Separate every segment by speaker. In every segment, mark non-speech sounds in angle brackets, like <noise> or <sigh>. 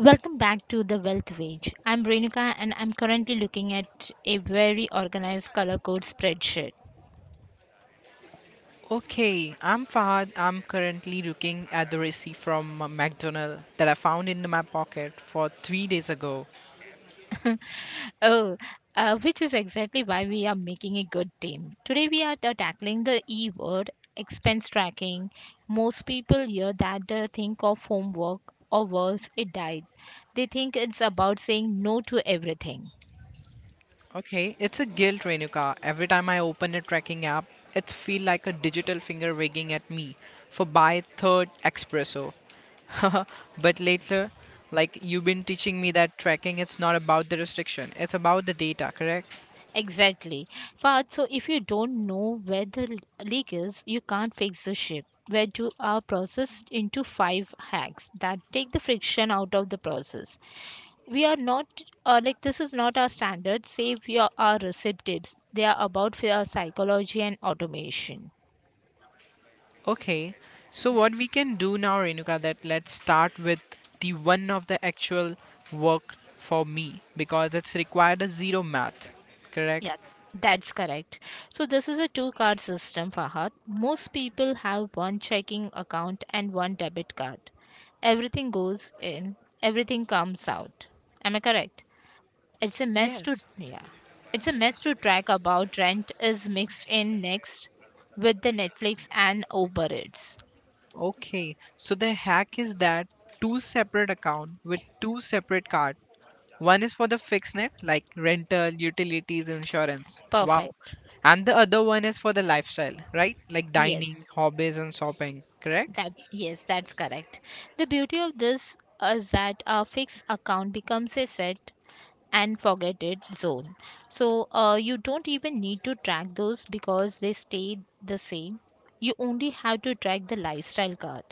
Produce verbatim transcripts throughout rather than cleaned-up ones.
Speaker 1: Welcome back to the Wealth Wage. I'm Renuka and I'm currently looking at a very organized color code spreadsheet.
Speaker 2: Okay, I'm Fahad. I'm currently looking at the receipt from a McDonald's that I found in my pocket for three days ago.
Speaker 1: <laughs> oh, uh, which is exactly why we are making a good team. Today we are ta- tackling the E word, expense tracking. Most people hear that uh, think of homework or worse, a diet. They think it's about saying no to everything.
Speaker 2: Okay, it's a guilt Renuka. Every time I open a tracking app, it feels like a digital finger wagging at me for buy third espresso. <laughs> But later, like you've been teaching me that tracking, it's not about the restriction, it's about the data, correct?
Speaker 1: Exactly. But so if you don't know where the l- leak is, you can't fix the ship. Veggies are processed into five hacks that take the friction out of the process. We are not uh, like this is not our standard. Save your our recipe tips. They are about fear psychology and automation.
Speaker 2: Okay. So what we can do now, Renuka, that let's start with the one of the actual work for me because it's required a zero math, correct?
Speaker 1: Yeah, that's correct. So this is a two-card system, Fahad. Most people have one checking account and one debit card. Everything goes in, everything comes out. Am I correct? It's a mess to,
Speaker 2: Yes.
Speaker 1: yeah. It's a mess to track about rent is mixed in next with the Netflix and Uber Eats.
Speaker 2: Okay. So the hack is that two separate account with two separate card. One is for the fixed net like rental, utilities, insurance. Wow.
Speaker 1: Perfect.
Speaker 2: And the other one is for the lifestyle, right? Like dining,
Speaker 1: Yes,
Speaker 2: hobbies and shopping, correct?
Speaker 1: that yes, that's correct. The beauty of this is that a fixed account becomes a set and forget it zone. So uh, you don't even need to track those because they stay the same. You only have to track the lifestyle card.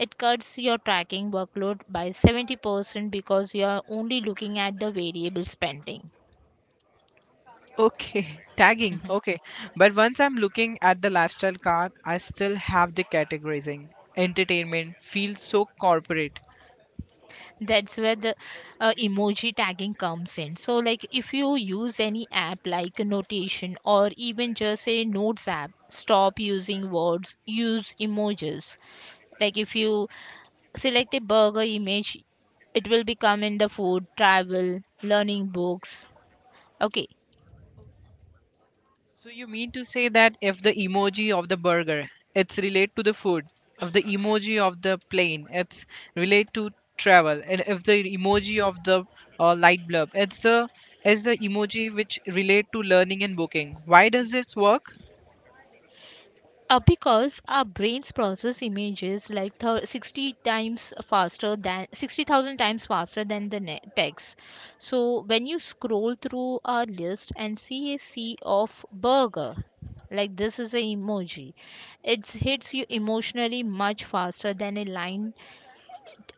Speaker 1: It cuts your tracking workload by seventy percent because you are only looking at the variable spending.
Speaker 2: Okay, <laughs> tagging.
Speaker 1: Mhm.
Speaker 2: Okay. But once I'm looking at the lifestyle card, I still have the categorizing. Entertainment feels so corporate.
Speaker 1: That's where the uh, emoji tagging comes in. So, like if you use any app like Notation or even just a Notes app, stop using words, use emojis. Like if you select a burger image, it will become in the food travel learning books. Okay.
Speaker 2: So you mean to say that if the emoji of the burger, it's relate to the food. If the emoji of the plane, it's relate to travel. And if the emoji of the uh, light bulb, it's the is the emoji which relate to learning and booking. Why does this work?
Speaker 1: Uh, because our brains process images like thir- sixty times faster than sixty thousand times faster than the ne- text. So when you scroll through our list and see a sea of burger, like this is a emoji, it hits you emotionally much faster than a line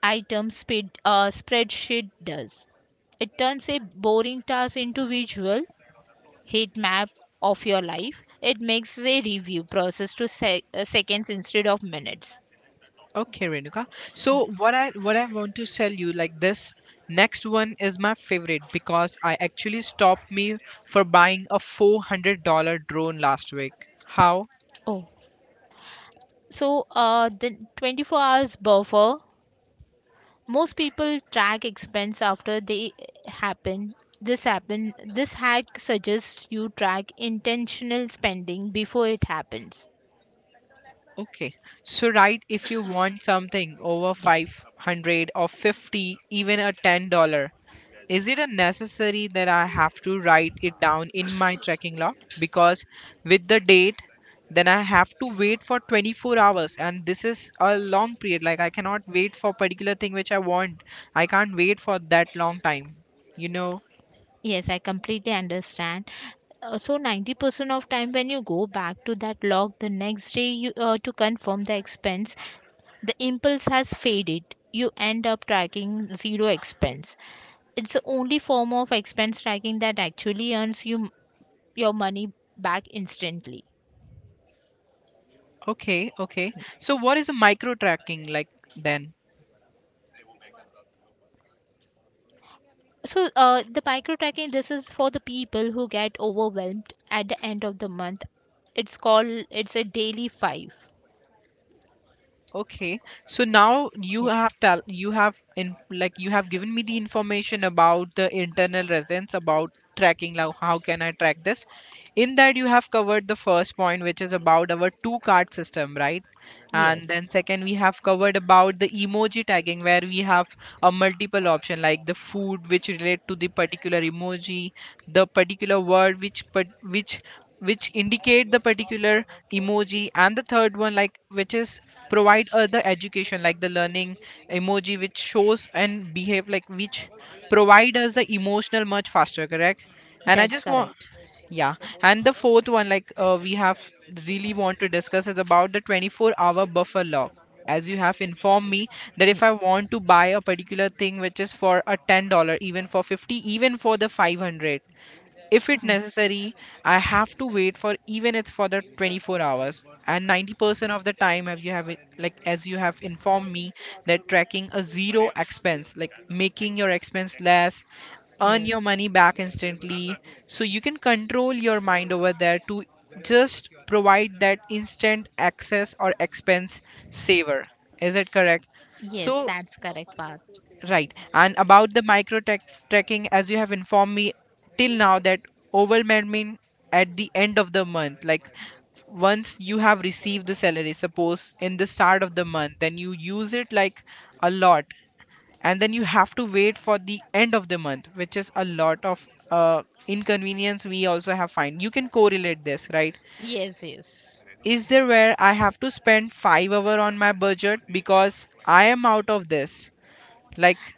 Speaker 1: item speed, uh, spreadsheet does. It turns a boring task into visual heat map of your life. It makes a review process to sec- uh, seconds instead of minutes.
Speaker 2: Okay, Renuka.
Speaker 1: Yeah.
Speaker 2: So what I what I want to tell you like this next one is my favorite because I actually stopped me for buying a four hundred dollar drone last week. How?
Speaker 1: Oh, so uh, the twenty-four hours buffer. Most people track expense after they happen. This happen. This hack suggests you track intentional spending before it happens.
Speaker 2: Okay. So right, if you want something over
Speaker 1: Yeah.
Speaker 2: five hundred or fifty, even a ten dollars. Is it a necessary that I have to write it down in my tracking log? Because with the date, then I have to wait for twenty-four hours, and this is a long period. Like I cannot wait for particular thing which I want. I can't wait for that long time, you know?
Speaker 1: Yes, I completely understand. Uh, so ninety percent of time when you go back to that log the next day you uh, to confirm the expense, the impulse has faded. You end up tracking zero expense. It's the only form of expense tracking that actually earns you your money back instantly.
Speaker 2: Okay, okay. So what is a micro tracking like then?
Speaker 1: So uh, the micro tracking, this is for the people who get overwhelmed at the end of the month. It's called, it's a daily five.
Speaker 2: Okay, so now you
Speaker 1: Yeah.
Speaker 2: have tell you have in like you have given me the information about the internal residence about tracking, like how can I track this? In that you have covered the first point, which is about our two card system, right? And
Speaker 1: Yes,
Speaker 2: then second we have covered about the emoji tagging where we have a multiple option like the food which relate to the particular emoji, the particular word which but which which indicate the particular emoji, and the third one like which is provide other education like the learning emoji which shows and behave like which provide us the emotional much faster, correct, and I
Speaker 1: that's
Speaker 2: just want
Speaker 1: correct.
Speaker 2: yeah. And the fourth one like uh, we have really want to discuss is about the twenty-four hour buffer lock, as you have informed me that if
Speaker 1: Yeah.
Speaker 2: I want to buy a particular thing which is for a ten dollars, even for fifty, even for the five hundred, if it
Speaker 1: Mm.
Speaker 2: necessary I have to wait for even it's for the twenty-four hours, and ninety percent of the time, as you have it- like as you have informed me that tracking a zero expense like making your expense less earn your money
Speaker 1: Yes,
Speaker 2: back instantly, so you can control your mind over there to just provide that instant access or expense saver, is it correct?
Speaker 1: yes,
Speaker 2: So
Speaker 1: that's correct, Path.
Speaker 2: right. And about the micro tech tracking, as you have informed me till now, that overwhelming at the end of the month, like once you have received the salary, suppose in the start of the month, then you use it like a lot, and then you have to wait for the end of the month, which is a lot of uh, inconvenience we also have find. You can correlate this, right?
Speaker 1: Yes, yes.
Speaker 2: Is there where I have to spend five hour on my budget because I am out of this? Like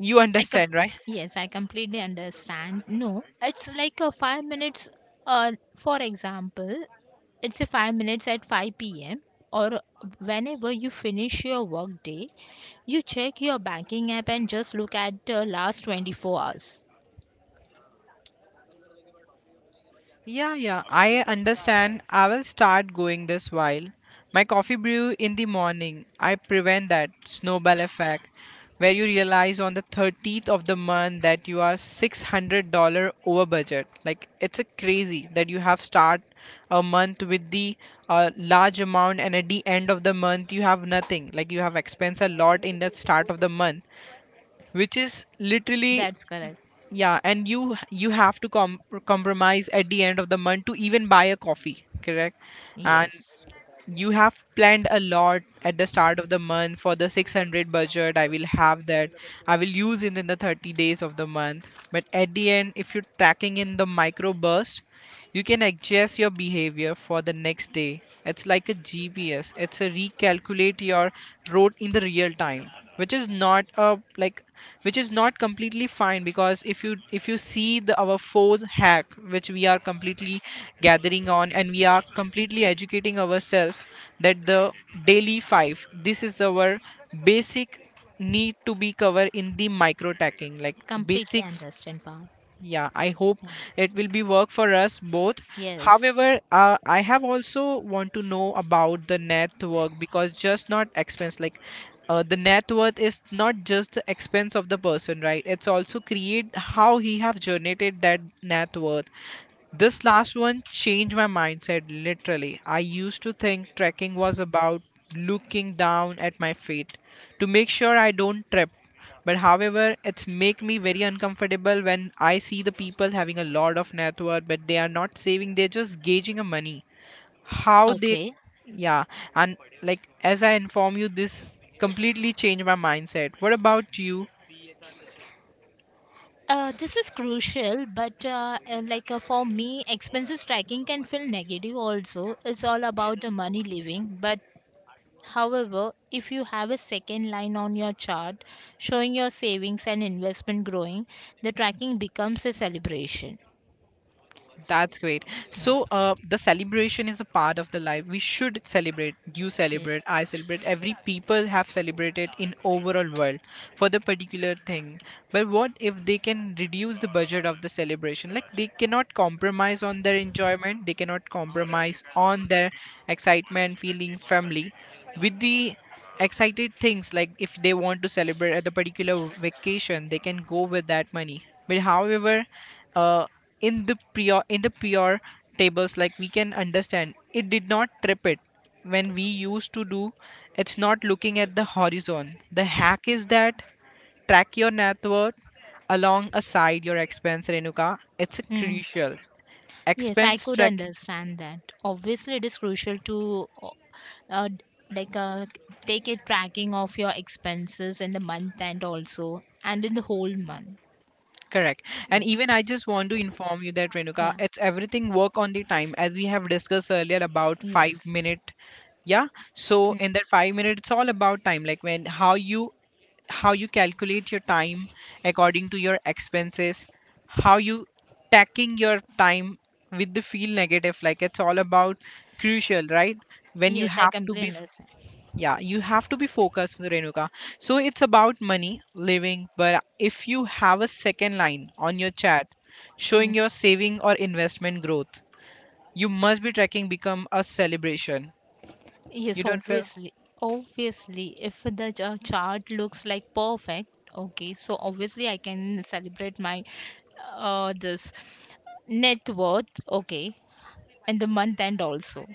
Speaker 2: you
Speaker 1: I com-
Speaker 2: understand, right?
Speaker 1: yes, I completely understand. No, it's like a five minutes. Uh, for example, it's a five minutes at five p m or whenever you finish your work day, you check your banking app and just look at the last twenty four hours.
Speaker 2: Yeah, yeah, I understand. I will start going this while. My coffee brew in the morning. I prevent that snowball effect where you realize on the thirtieth of the month that you are six hundred dollars over budget. Like it's a crazy that you have start a month with the uh, large amount, and at the end of the month you have nothing. Like you have expense a lot in the start of the month, which is literally
Speaker 1: That's correct.
Speaker 2: yeah. And you h- you have to com- compromise at the end of the month to even buy a coffee, correct, and
Speaker 1: Yes,
Speaker 2: you have planned a lot at the start of the month for the six hundred budget. I will have that, I will use it in the thirty days of the month, but at the end if you're tracking in the micro burst, you can adjust your behavior for the next day. It's like a GPS, it's a recalculate your road in the real time, which is not a like which is not completely fine, because if you if you see the our fourth hack, which we are completely gathering on, and we are completely educating ourselves that the daily five, this is our basic need to be covered in the micro tacking, like
Speaker 1: completely
Speaker 2: basic.
Speaker 1: understand, Path.
Speaker 2: Yeah, I hope
Speaker 1: Yeah.
Speaker 2: it will be work for us both.
Speaker 1: Yes.
Speaker 2: However, uh, I have also want to know about the net work, because just not expense, like uh, the net worth is not just the expense of the person, right? It's also create how he have generated that net worth. This last one changed my mindset literally. I used to think trekking was about looking down at my feet to make sure I don't trip. But however, it's make me very uncomfortable when I see the people having a lot of net worth, but they are not saving, they're just gauging a money. How they
Speaker 1: Okay.
Speaker 2: yeah. And like as I inform you, this completely changed my mindset. What about you?
Speaker 1: Uh, this is crucial, but uh, uh, like uh, for me, expenses tracking can feel negative also. It's all about the money living. But however, if you have a second line on your chart showing your savings and investment growing, the tracking becomes a celebration.
Speaker 2: That's great.
Speaker 1: Yeah.
Speaker 2: So, uh, the celebration is a part of the life. We should celebrate. You
Speaker 1: Yeah.
Speaker 2: celebrate. I celebrate. Every people have celebrated in overall world for the particular thing. But what if they can reduce the budget of the celebration? Like they cannot compromise on their enjoyment. They cannot compromise on their excitement, feeling, family, with the excited things, like if they want to celebrate at the particular vacation, they can go with that money. But however, uh, in the pure in the pure tables, like we can understand it did not trip it when we used to do, it's not looking at the horizon. The hack is that track your net worth alongside your expense, Renuka. It's a
Speaker 1: Hmm.
Speaker 2: crucial
Speaker 1: Yes, I
Speaker 2: expense
Speaker 1: could
Speaker 2: track.
Speaker 1: understand that. Obviously, it is crucial to uh, uh, d- like uh, c- take a tracking of your expenses in the month and also and in the whole month.
Speaker 2: Correct. And
Speaker 1: Yeah.
Speaker 2: even I just want to inform you that Renuka,
Speaker 1: Yeah.
Speaker 2: it's everything work on the time, as we have discussed earlier about five
Speaker 1: Yes.
Speaker 2: minute. Yeah. So
Speaker 1: Mm.
Speaker 2: in that five minutes, it's all about time. Like when how you how you calculate your time according to your expenses, how you tacking your time with the feel negative. Like it's all about crucial, right? When you
Speaker 1: Yes, I
Speaker 2: have to
Speaker 1: completely
Speaker 2: be
Speaker 1: understand.
Speaker 2: yeah, you have to be focused, Renuka. So it's about money living, but if you have a second line on your chat
Speaker 1: Mm.
Speaker 2: showing your saving or investment growth, you must be tracking become a celebration. You
Speaker 1: Yes,
Speaker 2: don't feel
Speaker 1: obviously. Obviously, if the ch- uh, chart looks like perfect, okay, so obviously I can celebrate my uh this net worth, okay, and the month end also.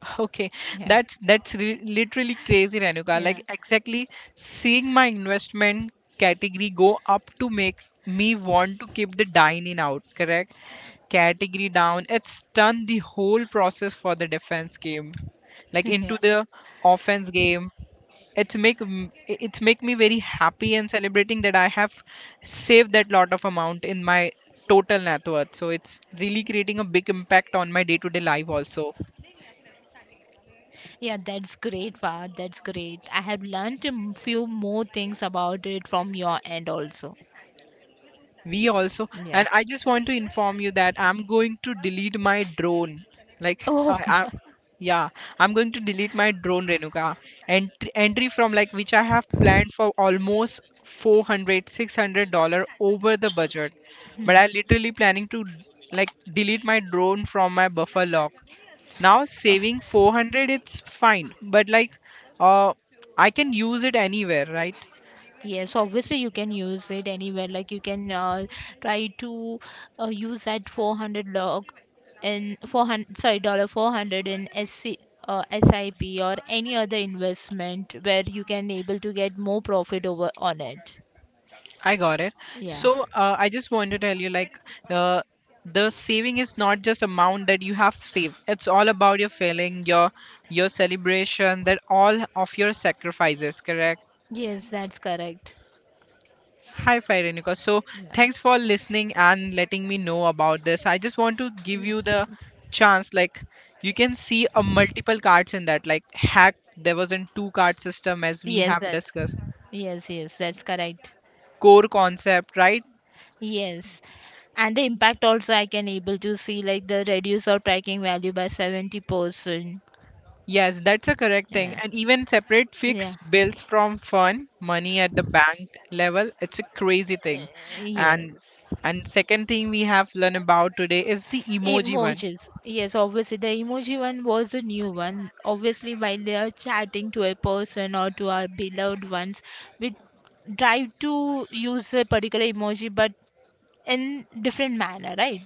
Speaker 2: <laughs> okay,
Speaker 1: Yeah.
Speaker 2: that's that's re- literally crazy, Renuka,
Speaker 1: Yeah.
Speaker 2: like exactly. Seeing my investment category go up to make me want to keep the dining out, correct, category down. It's done the whole process for the defense game, like
Speaker 1: <laughs> yeah.
Speaker 2: into the offense game. It's make m- it's make me very happy and celebrating that I have saved that lot of amount in my total net worth. So it's really creating a big impact on my day to day life also.
Speaker 1: Yeah, that's great, Fahad. That's great. I have learned a m- few more things about it from your end also.
Speaker 2: We also,
Speaker 1: Yeah.
Speaker 2: and I just want to inform you that I'm going to delete my drone. Like,
Speaker 1: Oh.
Speaker 2: I, I
Speaker 1: <laughs>
Speaker 2: yeah, I'm going to delete my drone, Renuka. Entry, entry from like which I have planned for almost four hundred, six hundred dollar over the budget,
Speaker 1: Hmm.
Speaker 2: but I literally planning to like delete my drone from my buffer log. Now
Speaker 1: Oh.
Speaker 2: saving four hundred, it's fine, but like, uh, I can use it anywhere, right?
Speaker 1: Yes, obviously you can use it anywhere. Like you can uh, try to uh, use at four hundred log in four hundred, sorry, dollar four hundred in S C, uh, SIP or any other investment where you can able to get more profit over on it.
Speaker 2: I got it.
Speaker 1: Yeah.
Speaker 2: So uh, I just want to tell you, like, uh, the saving is not just amount that you have saved. It's all about your feeling, your your celebration, that all of your sacrifices. Correct.
Speaker 1: Yes, that's correct.
Speaker 2: Hi, Firenika. So
Speaker 1: Yeah.
Speaker 2: thanks for listening and letting me know about this. I just want to give you the chance, like, you can see a multiple cards in that. Like hack, there was in two card system as we
Speaker 1: Yes,
Speaker 2: have
Speaker 1: that's
Speaker 2: discussed.
Speaker 1: yes, yes, that's correct.
Speaker 2: Core concept, right?
Speaker 1: Yes. And the impact also I can able to see like the reduce of tracking value by seventy percent.
Speaker 2: Yes, that's a correct thing.
Speaker 1: Yeah.
Speaker 2: And even separate
Speaker 1: Yeah.
Speaker 2: fixed bills from fund money at the bank level, it's a crazy thing.
Speaker 1: Uh,
Speaker 2: And
Speaker 1: Yes.
Speaker 2: and second thing we have learned about today is the emoji one.
Speaker 1: Emojis. Yes, obviously the emoji one was a new one. Obviously, while they are chatting to a person or to our beloved ones, we try to use a particular emoji but in different manner, right?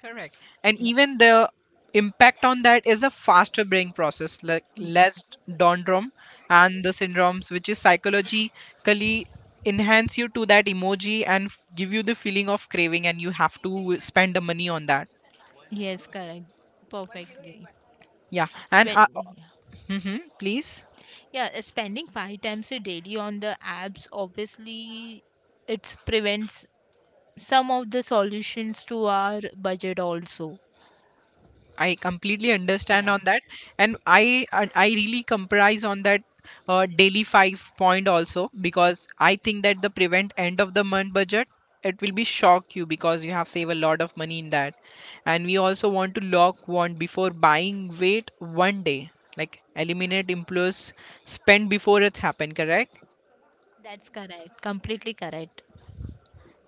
Speaker 2: Correct. And
Speaker 1: Yeah.
Speaker 2: even the impact on that is a faster brain process, like
Speaker 1: Y-
Speaker 2: less dendrum and the syndromes, which is psychologically enhance you to that emoji and f- give you the feeling of craving, and you have to spend the money on that.
Speaker 1: Yes, correct. Perfectly.
Speaker 2: Yeah. And
Speaker 1: Spend,
Speaker 2: uh, mhm, please.
Speaker 1: yeah, uh, spending five times a daily on the apps, obviously it prevents some of the solutions to our budget also.
Speaker 2: I completely understand
Speaker 1: Yeah.
Speaker 2: on that, and I I I really comprise on that uh, daily five point also, because I think that the prevent end of the month budget, it will be shock you because you have saved a lot of money in that. And we also want to lock one before buying. Wait one day, like eliminate impulse spend before it's happened. Correct?
Speaker 1: That's correct. Completely correct.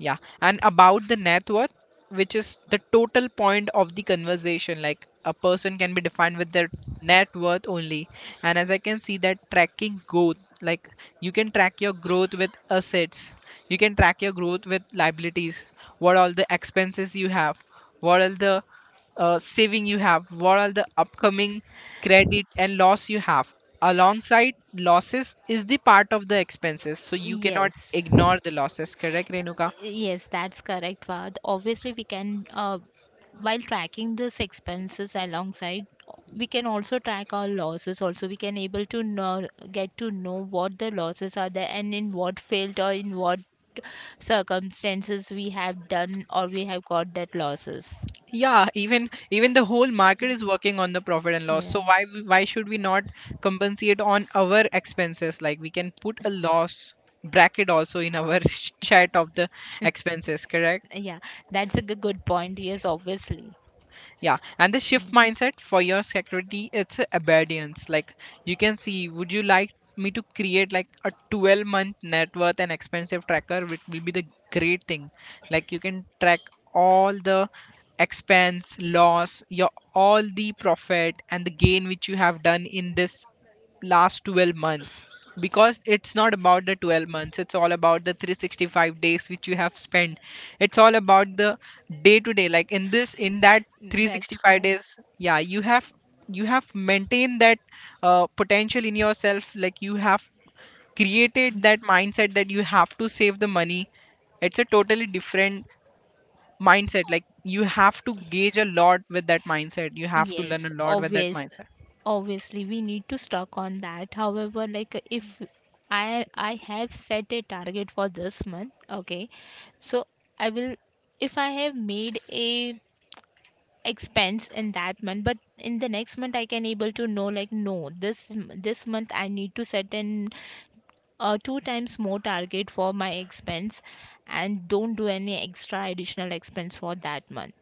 Speaker 2: Yeah, and about the net worth, which is the total point of the conversation. Like a person can be defined with their net worth only. And as I can see, that tracking growth, like you can track your growth with assets, you can track your growth with liabilities, what all the expenses you have, what all the uh, saving you have, what all the upcoming credit and loss you have. Alongside, losses is the part of the expenses, so you cannot
Speaker 1: Yes.
Speaker 2: ignore the losses. Correct, Renuka?
Speaker 1: Yes, that's correct, Vad. Obviously, we can, uh, while tracking this expenses alongside, we can also track our losses. Also, we can able to know, get to know what the losses are there and in what field or in what circumstances we have done or we have got that losses.
Speaker 2: Yeah, even even the whole market is working on the profit and loss, so
Speaker 1: Yeah.
Speaker 2: why w- why should we not compensate on our expenses? Like we can put a loss bracket also in our <laughs> chat of the expenses. Correct?
Speaker 1: Yeah. That's a g- good point. Yes, obviously.
Speaker 2: Yeah, and the shift mindset for your security, it's a obedience. Like, you can see, would you like me to create like a twelve month net worth and expensive tracker, which will be the great thing? Like you can track all the expense, loss, your all the profit and the gain which you have done in this last twelve months. Because it's not about the twelve months, it's all about the three hundred sixty-five days which you have spent. It's all about the day to day, like in this in that
Speaker 1: Mm. That's
Speaker 2: three hundred sixty-five
Speaker 1: correct.
Speaker 2: days. Yeah, you have you have maintained that uh, potential in yourself. Like you have created that mindset that you have to save the money. It's a totally different mindset. Like you have to gauge a lot with that mindset, you have to learn
Speaker 1: Yes,
Speaker 2: a lot with that
Speaker 1: obvious.
Speaker 2: mindset.
Speaker 1: Obviously, we need to stock on that. However, like if I I have set a target for this month, okay. So I will, if I have made a expense in that month, but in the next month I can able to know like no, this m- this month I need to set an uh, two times more target for my expense and don't do any extra additional expense for that month.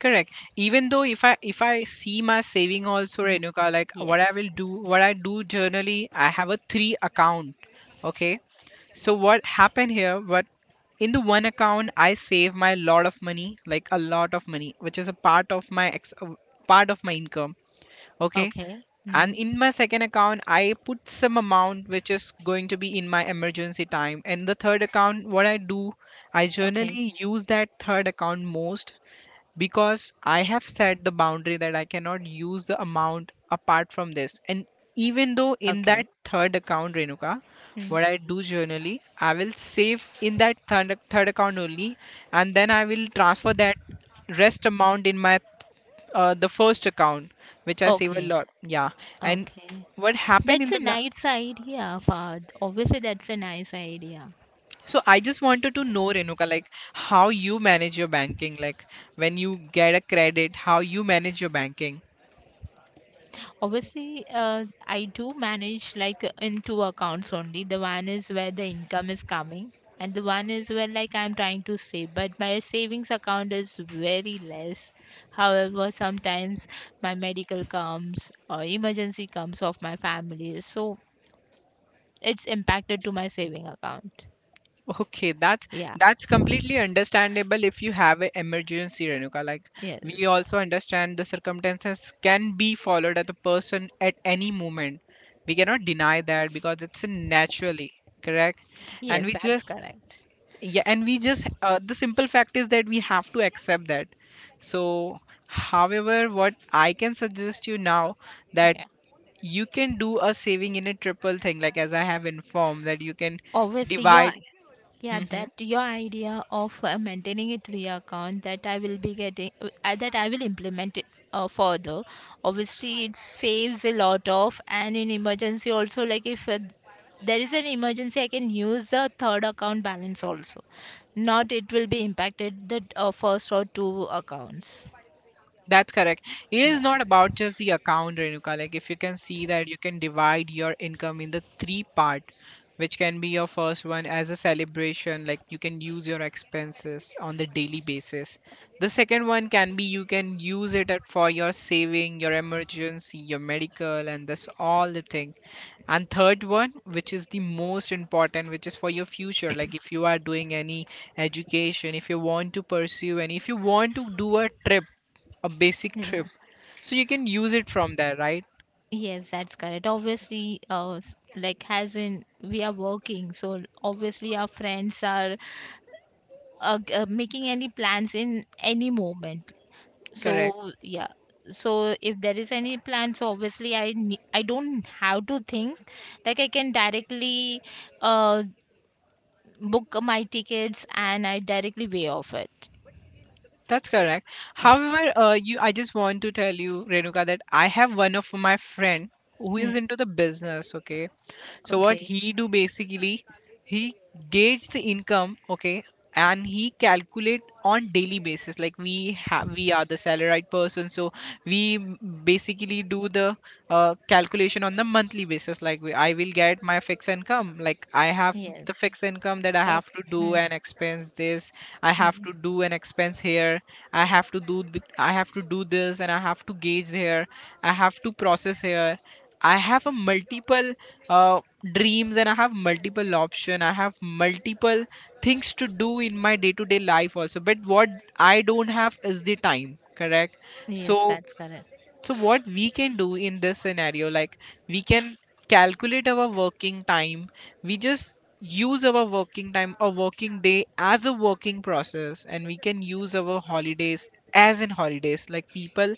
Speaker 2: Correct. Even though, if I if I see my saving also,
Speaker 1: Mm.
Speaker 2: Renuka, like what I
Speaker 1: Yes.
Speaker 2: will do, what I do generally, I have a three account. Okay. So what happened here? What, in the one account, I save my lot of money, like a lot of money, which is a part of my ex uh, part of my income. Okay.
Speaker 1: Okay.
Speaker 2: And
Speaker 1: Mm.
Speaker 2: in my second account, I put some amount which is going to be in my emergency time. And the third account, what I do, I
Speaker 1: Okay.
Speaker 2: generally use that third account most, because I have set the boundary that I cannot use the amount apart from this. And even though in that
Speaker 1: Okay.
Speaker 2: third account, Renuka,
Speaker 1: Mm.
Speaker 2: what I do generally, I will save in that third, third account only, and then I will transfer that rest amount in my uh, the first account, which I save a
Speaker 1: Okay.
Speaker 2: lot. Yeah, and
Speaker 1: Okay.
Speaker 2: what happened
Speaker 1: That's
Speaker 2: in
Speaker 1: a
Speaker 2: the la-
Speaker 1: nice idea, Fahad. Obviously, that's a nice idea.
Speaker 2: so I just wanted to know, Renuka, like how you manage your banking, like when you get a credit, how you manage your banking.
Speaker 1: Obviously, uh, I do manage like in two accounts only. The one is where the income is coming, and the one is where like I'm trying to save. But my savings account is very less. However, sometimes my medical comes or emergency comes of my family, so it's impacted to my saving account.
Speaker 2: Okay, that's
Speaker 1: Yeah.
Speaker 2: that's completely understandable if you have an emergency, Renuka. Like we
Speaker 1: Yes.
Speaker 2: also understand the circumstances can be followed at the person at any moment. We cannot deny that because it's a naturally correct, and
Speaker 1: Yes,
Speaker 2: we
Speaker 1: that's
Speaker 2: just
Speaker 1: correct.
Speaker 2: yeah, and we just uh, the simple fact is that we have to accept that. So, however, what I can suggest you now, that
Speaker 1: Yeah.
Speaker 2: you can do a saving in a triple thing, like as I have informed, that you can
Speaker 1: Obviously your
Speaker 2: divide.
Speaker 1: yeah that
Speaker 2: <laughs>
Speaker 1: your idea of uh, maintaining a three account, that I will be getting uh, uh, that I will implement it uh, further. Obviously it saves a lot of, and in emergency also, like if uh, there is an emergency I can use the third account balance also, not it will be impacted the uh, first or two accounts.
Speaker 2: That's correct. It is not about
Speaker 1: Yeah.
Speaker 2: just the account, Renuka. Like if you can see that you can divide your income in the three part, which can be your first one as a celebration, like you can use your expenses on the daily basis. The second one can be, you can use it at- for your saving, your emergency, your medical, and this all the thing. And third one, which is the most important, which is for your future. Like if you are doing any education, if you want to pursue, and if you want to do a trip, a basic
Speaker 1: Yeah.
Speaker 2: trip, so you can use it from there, right?
Speaker 1: Yes, that's correct. Obviously uh s- like as in we are working, so obviously our friends are uh, g- uh, making any plans in any moment, so
Speaker 2: Correct.
Speaker 1: yeah. So if there is any plan, so obviously i ne- I don't have to think, like I can directly uh book my tickets and I directly way off it.
Speaker 2: That's correct.
Speaker 1: Yeah.
Speaker 2: However, uh, you, I just want to tell you, Renuka, that I have one of my friend who is
Speaker 1: Hmm.
Speaker 2: into the business, okay? So what
Speaker 1: Okay.
Speaker 2: he do basically, he gauge the income, okay, and he calculate on daily basis. Like we have, we are the salaried person, so we m- basically do the uh, calculation on the monthly basis. Like we, I will get my fixed income. Like I have the
Speaker 1: Yes.
Speaker 2: fixed income, that I have
Speaker 1: Okay.
Speaker 2: to do
Speaker 1: Hmm.
Speaker 2: an expense this, I have
Speaker 1: Hmm.
Speaker 2: to do an expense here, I have to do th- I have to do this, and I have to gauge here, I have to process here. I have a multiple uh, dreams, and I have multiple option, I have multiple things to do in my day to day life also, but what I don't have is the time. Correct? So
Speaker 1: Yes, that's correct.
Speaker 2: so what we can do in this scenario, like we can calculate our working time. We just use our working time or working day as a working process, and we can use our holidays as in holidays. Like people,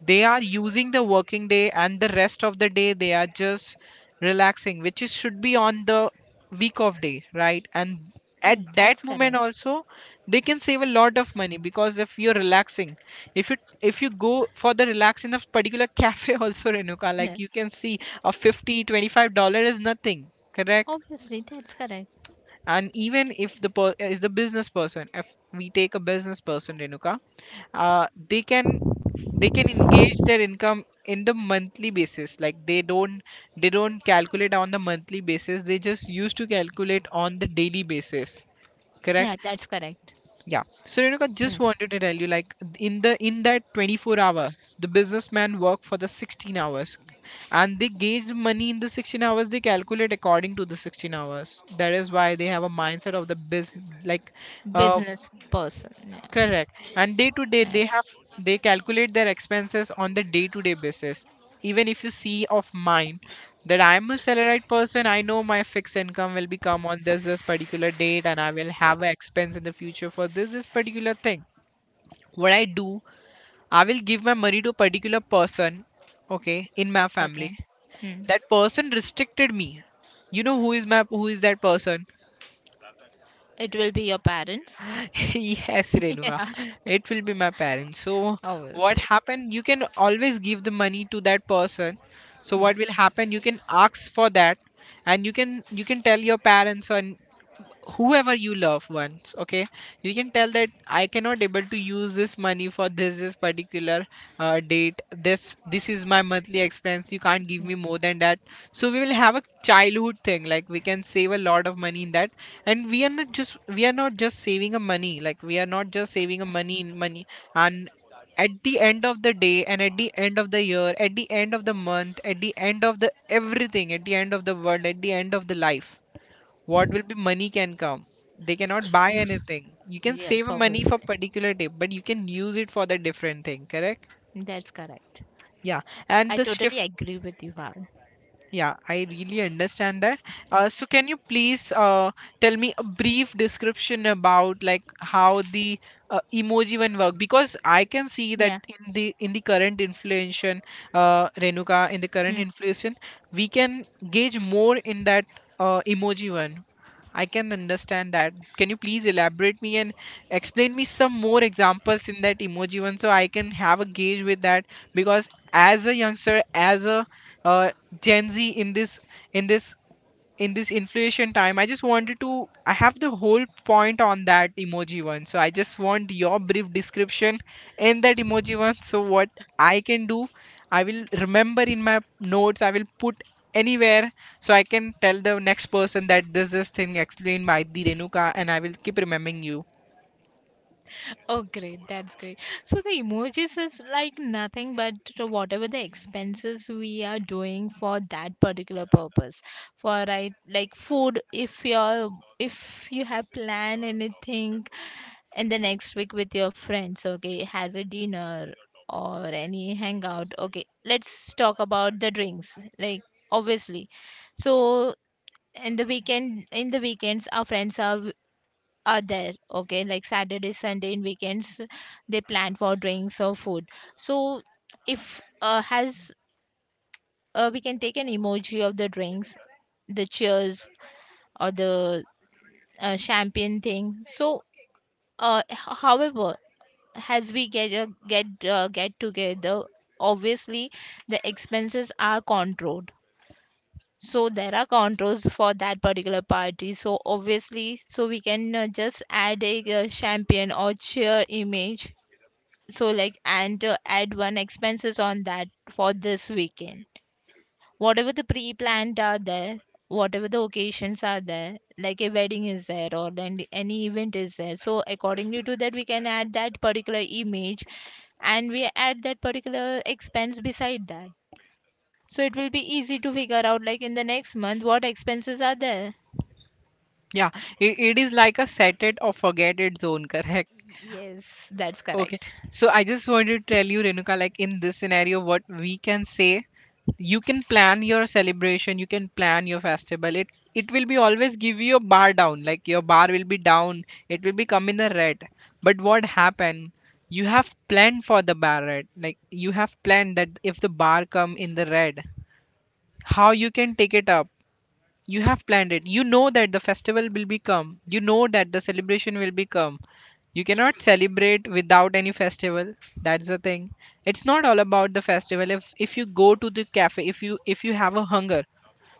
Speaker 2: they are using the working day, and the rest of the day they are just relaxing, which is should be on the week of day, right? And at
Speaker 1: Yeah,
Speaker 2: that
Speaker 1: that's
Speaker 2: moment
Speaker 1: correct.
Speaker 2: also, they can save a lot of money. Because if you're relaxing, if you if you go for the relax in a particular cafe <laughs> also, Renuka,
Speaker 1: Yeah,
Speaker 2: like you can see, a fifty twenty dollar is nothing. Correct?
Speaker 1: obviously that's correct.
Speaker 2: And even if the per- is the business person, if we take a business person, Renuka, uh, they can, they can engage their income in the monthly basis. Like they don't they don't calculate on the monthly basis, they just used to calculate on the daily basis. Correct?
Speaker 1: Yeah, that's correct.
Speaker 2: Yeah, so Renuka,
Speaker 1: Uh,
Speaker 2: just wanted to tell you, like in the in that twenty-four hours, the businessman work for the sixteen hours, and they gauge money in the sixteen hours, they calculate according to the sixteen hours. That is why they have a mindset of the biz, like uh,
Speaker 1: business person, yeah.
Speaker 2: correct. And day to day, they
Speaker 1: Like.
Speaker 2: have, they calculate their expenses on the day to day basis. Even if you see of mine, that I am a salaried person, I know my fixed income will become on this this particular date, and I will have an expense in the future for this this particular thing. What I do, I will give my money to a particular person, okay, in my family.
Speaker 1: Okay. Hmm.
Speaker 2: That person restricted me. You know who is my who is that person?
Speaker 1: It will be your parents,
Speaker 2: <laughs> Yes, Renuka, it will be my parents. So what
Speaker 1: obviously.
Speaker 2: happened? You can always give the money to that person. So
Speaker 1: Hmm.
Speaker 2: what will happen? You can ask for that, and you can you can tell your parents or whoever you love once, okay? You can tell that I cannot able to use this money for this this particular uh, date. This this is my monthly expense, you can't give
Speaker 1: Yes.
Speaker 2: me more than that. So we will have a childhood thing, like we can save a lot of money in that. And we are not just we are not just saving a money. Like we are not just saving a money in money. And at the end of the day, and at the end of the year, at the end of the month, at the end of the everything, at the end of the world, at the end of the life, what will be money can come, they cannot buy anything. You can save
Speaker 1: Yes,
Speaker 2: money for
Speaker 1: obviously.
Speaker 2: particular day, but you can use it for the different thing. Correct?
Speaker 1: That's correct.
Speaker 2: Yeah, and
Speaker 1: I
Speaker 2: the
Speaker 1: totally
Speaker 2: shift
Speaker 1: agree with you, Val.
Speaker 2: yeah, I really understand that. Uh, so can you please uh, tell me a brief description about like how the uh, emoji one work? Because I can see that
Speaker 1: Yeah.
Speaker 2: in the in the current inflation, uh, Renuka, in the current
Speaker 1: Hmm.
Speaker 2: inflation, we can gauge more in that uh, emoji one. I can understand that. Can you please elaborate me and explain me some more examples in that emoji one, so I can have a gauge with that? Because as a youngster, as a uh, Gen Z in this in this in this inflation time, I just wanted to, I have the whole point on that emoji one, so I just want your brief description in that emoji one. So what I can do, I will remember in my notes, I will put anywhere. So I can tell the next person that this this thing explained by the Renuka, and I will keep remembering you.
Speaker 1: Oh, great. That's great. So the emojis is like nothing but to whatever the expenses we are doing for that particular purpose. For right, like food, if you're if you have planned anything in the next week with your friends, okay, has a dinner or any hangout. Okay, let's talk about the drinks. Like obviously, so in the weekend, in the weekends our friends are are there, okay, like Saturday, Sunday and weekends they plan for drinks or food. So if uh, has uh, we can take an emoji of the drinks, the cheers or the uh, champagne thing. So uh, h- however, as we get a get uh, get together, obviously the expenses are controlled, so there are controls for that particular party. So obviously, so we can uh, just add a uh, champagne or cheer image, so like, and uh, add one expenses on that for this weekend, whatever the pre-planned are there, whatever the occasions are there, like a wedding is there or then any event is there, so accordingly to that we can add that particular image, and we add that particular expense beside that. So it will be easy to figure out like in the next month what expenses are there.
Speaker 2: Yeah, it, it is like a set it or forget it zone. <laughs> Correct?
Speaker 1: Y- yes, that's
Speaker 2: Okay.
Speaker 1: correct.
Speaker 2: So I just wanted to tell you, Renuka, like in this scenario, what we can say, you can plan your celebration, you can plan your festival. It it will be always give you a bar down, like your bar will be down, it will be come in the red. But what happened? You have planned for the bar red. Like you have planned that if the bar come in the red, how you can take it up? You have planned it. You know that the festival will become, you know that the celebration will become, you cannot celebrate without any festival. That's the thing. It's not all about the festival. If if you go to the cafe, if you if you have a hunger,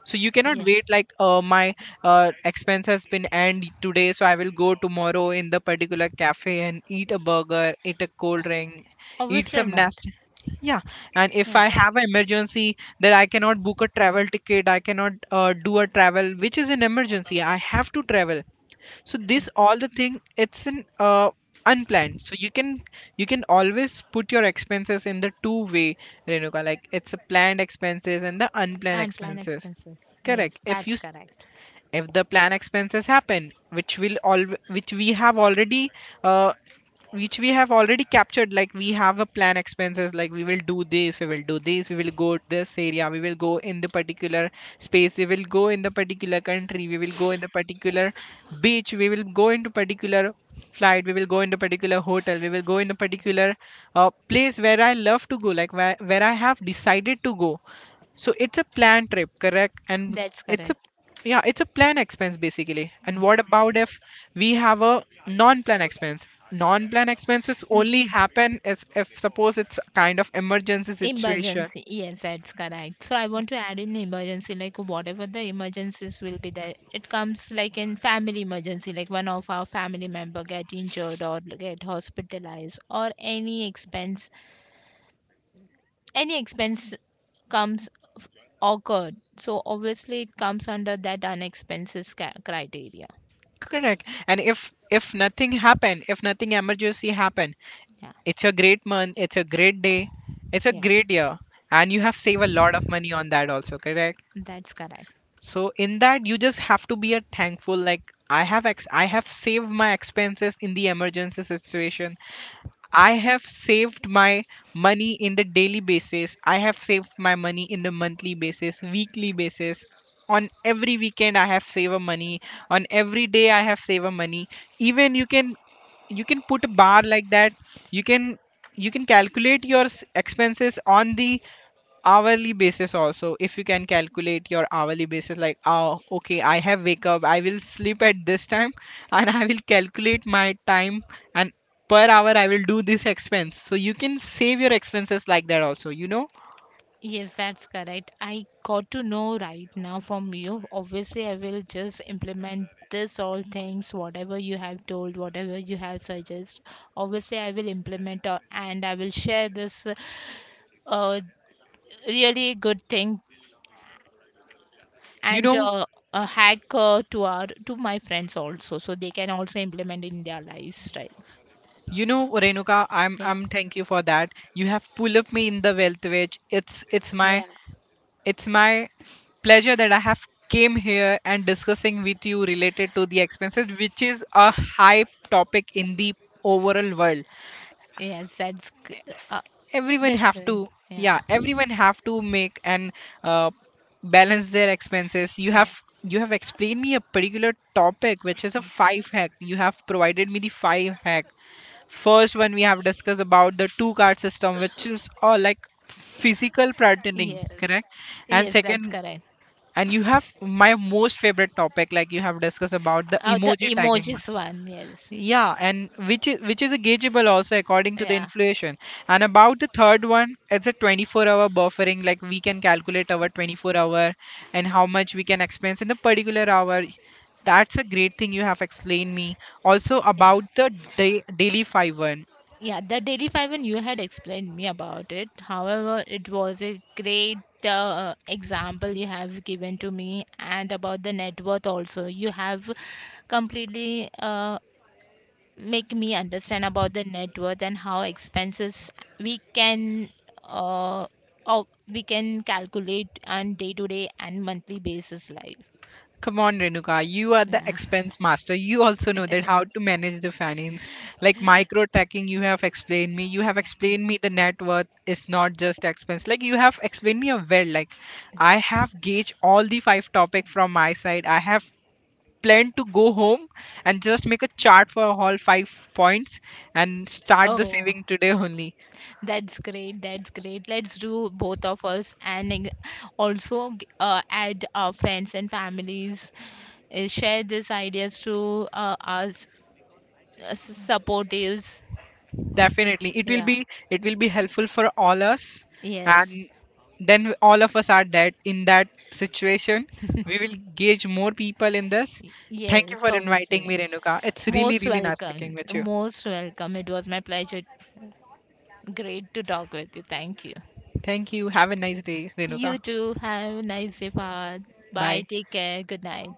Speaker 2: so you cannot
Speaker 1: Yeah,
Speaker 2: wait like uh, my uh, expense has been end today, so I will go tomorrow in the particular cafe and eat a burger, eat a cold drink, eat
Speaker 1: obviously
Speaker 2: some
Speaker 1: not.
Speaker 2: nasty, yeah. And if
Speaker 1: Yeah,
Speaker 2: I have an emergency that I cannot book a travel ticket, I cannot uh, do a travel which is an emergency, I have to travel. So this all the thing, it's an uh, unplanned. So you can, you can always put your expenses in the two way, Renuka, like it's a planned expenses and the unplanned
Speaker 1: and plan
Speaker 2: expenses.
Speaker 1: expenses,
Speaker 2: Correct.
Speaker 1: yes,
Speaker 2: If you
Speaker 1: that's
Speaker 2: s-
Speaker 1: correct.
Speaker 2: If the plan expenses happen, which will all, which we have already, uh, which we have already captured, like we have a plan expenses, like we will do this, we will do this, we will go to this area, we will go in the particular space, we will go in the particular country, we will go in the particular beach, we will go into particular flight, we will go into particular hotel, we will go in a particular uh, place where I love to go, like where, where I have decided to go. So it's a planned trip, correct? And
Speaker 1: That's
Speaker 2: it's a,
Speaker 1: correct.
Speaker 2: yeah, it's a plan expense basically. And what about if we have a non-plan expense? Non-plan expenses
Speaker 1: N-
Speaker 2: only happen as if suppose it's a kind of emergency situation.
Speaker 1: Emergency. Yes, that's correct. So I want to add in emergency, like whatever the emergencies will be there. It comes like in family emergency, like one of our family member get injured or get hospitalized or any expense, any expense comes, f- occurred. So obviously it comes under that unexpenses ca- criteria.
Speaker 2: Correct. And if if nothing happened, if nothing emergency happened,
Speaker 1: Yeah,
Speaker 2: it's a great month, it's a great day, it's a
Speaker 1: yeah,
Speaker 2: great year, and you have saved a lot of money on that also, correct?
Speaker 1: that's correct.
Speaker 2: So in that you just have to be a thankful, like i have ex- I have saved my expenses in the emergency situation. I have saved my money in the daily basis. I have saved my money in the monthly basis, weekly basis. On every weekend I have saved a money. On every day I have saved a money. Even you can, you can put a bar like that. You can, you can calculate your s- expenses on the hourly basis also. If you can calculate your hourly basis, like oh okay, I have wake up, I will sleep at this time, and I will calculate my time, and per hour I will do this expense. So you can save your expenses like that also, you know.
Speaker 1: Yes, that's correct. I got to know right now from you. Obviously, I will just implement this all things, whatever you have told, whatever you have suggested. Obviously, I will implement uh, and I will share this uh, uh, really good thing
Speaker 2: you
Speaker 1: and
Speaker 2: know
Speaker 1: uh, a hack uh, to our to my friends also, so they can also implement in their lives, right?
Speaker 2: you know Renuka, i'm
Speaker 1: Yeah,
Speaker 2: i'm thank you for that. You have pulled up me in the wealth wage. It's it's my,
Speaker 1: yeah,
Speaker 2: it's my pleasure that I have came here and discussing with you related to the expenses, which is a high topic in the overall world.
Speaker 1: yes, that's g- uh,
Speaker 2: Everyone
Speaker 1: that's
Speaker 2: have to,
Speaker 1: great. Yeah,
Speaker 2: yeah, everyone have to make and uh, balance their expenses. You
Speaker 1: yeah,
Speaker 2: have, you have explained me a particular topic which is a
Speaker 1: yeah.
Speaker 2: five hack. You have provided me the five hack. First one, we have discussed about the two card system, which is uh, like physical pretending,
Speaker 1: Yes,
Speaker 2: correct. And
Speaker 1: yes, that's
Speaker 2: second,
Speaker 1: correct.
Speaker 2: and you have, my most favorite topic, like you have discussed about the
Speaker 1: Oh, the
Speaker 2: emoji tagging,
Speaker 1: emojis one, yes.
Speaker 2: yeah, and which is which is a gaugeable also according to the
Speaker 1: Yeah.
Speaker 2: inflation. And about the third one, it's a twenty-four hour buffering. Like we can calculate our twenty-four hour and how much we can expense in a particular hour. That's a great thing you have explained me. Also
Speaker 1: Yeah,
Speaker 2: about the day, daily five one.
Speaker 1: yeah, the Daily Five, and you had explained me about it. However, it was a great uh, example you have given to me, and about the net worth also. You have completely uh, make me understand about the net worth and how expenses we can uh, or we can calculate on day to day and monthly basis life.
Speaker 2: Come on, Renuka, you are the
Speaker 1: Yeah.
Speaker 2: expense master. You also know that how to manage the finance. Like micro tracking, you have explained me. You have explained me the net worth is not just expense. Like you have explained me a well. Like I have gauged all the five topic from my side. I have planned to go home and just make a chart for all five points and start the
Speaker 1: Oh.
Speaker 2: saving today only.
Speaker 1: That's great. That's great. Let's do both of us, and eng- also g- uh, add our friends and families. Uh, share these ideas to uh, us, uh, s- supportives.
Speaker 2: Definitely. It will
Speaker 1: Yeah.
Speaker 2: be it will be helpful for all us,
Speaker 1: Yes.
Speaker 2: and then all of us are dead in that situation. We will gauge more people in this.
Speaker 1: Y-
Speaker 2: Thank you
Speaker 1: Yes,
Speaker 2: for inviting me,
Speaker 1: obviously.
Speaker 2: Renuka. It's really,
Speaker 1: Most
Speaker 2: really nice
Speaker 1: welcome.
Speaker 2: speaking with you.
Speaker 1: Most welcome. It was my pleasure. Great to talk with you. Thank you.
Speaker 2: Thank you. Have a nice day,
Speaker 1: You
Speaker 2: Renuka.
Speaker 1: too. Have a nice day, Fahad. Bye.
Speaker 2: Bye.
Speaker 1: Take care. Good night.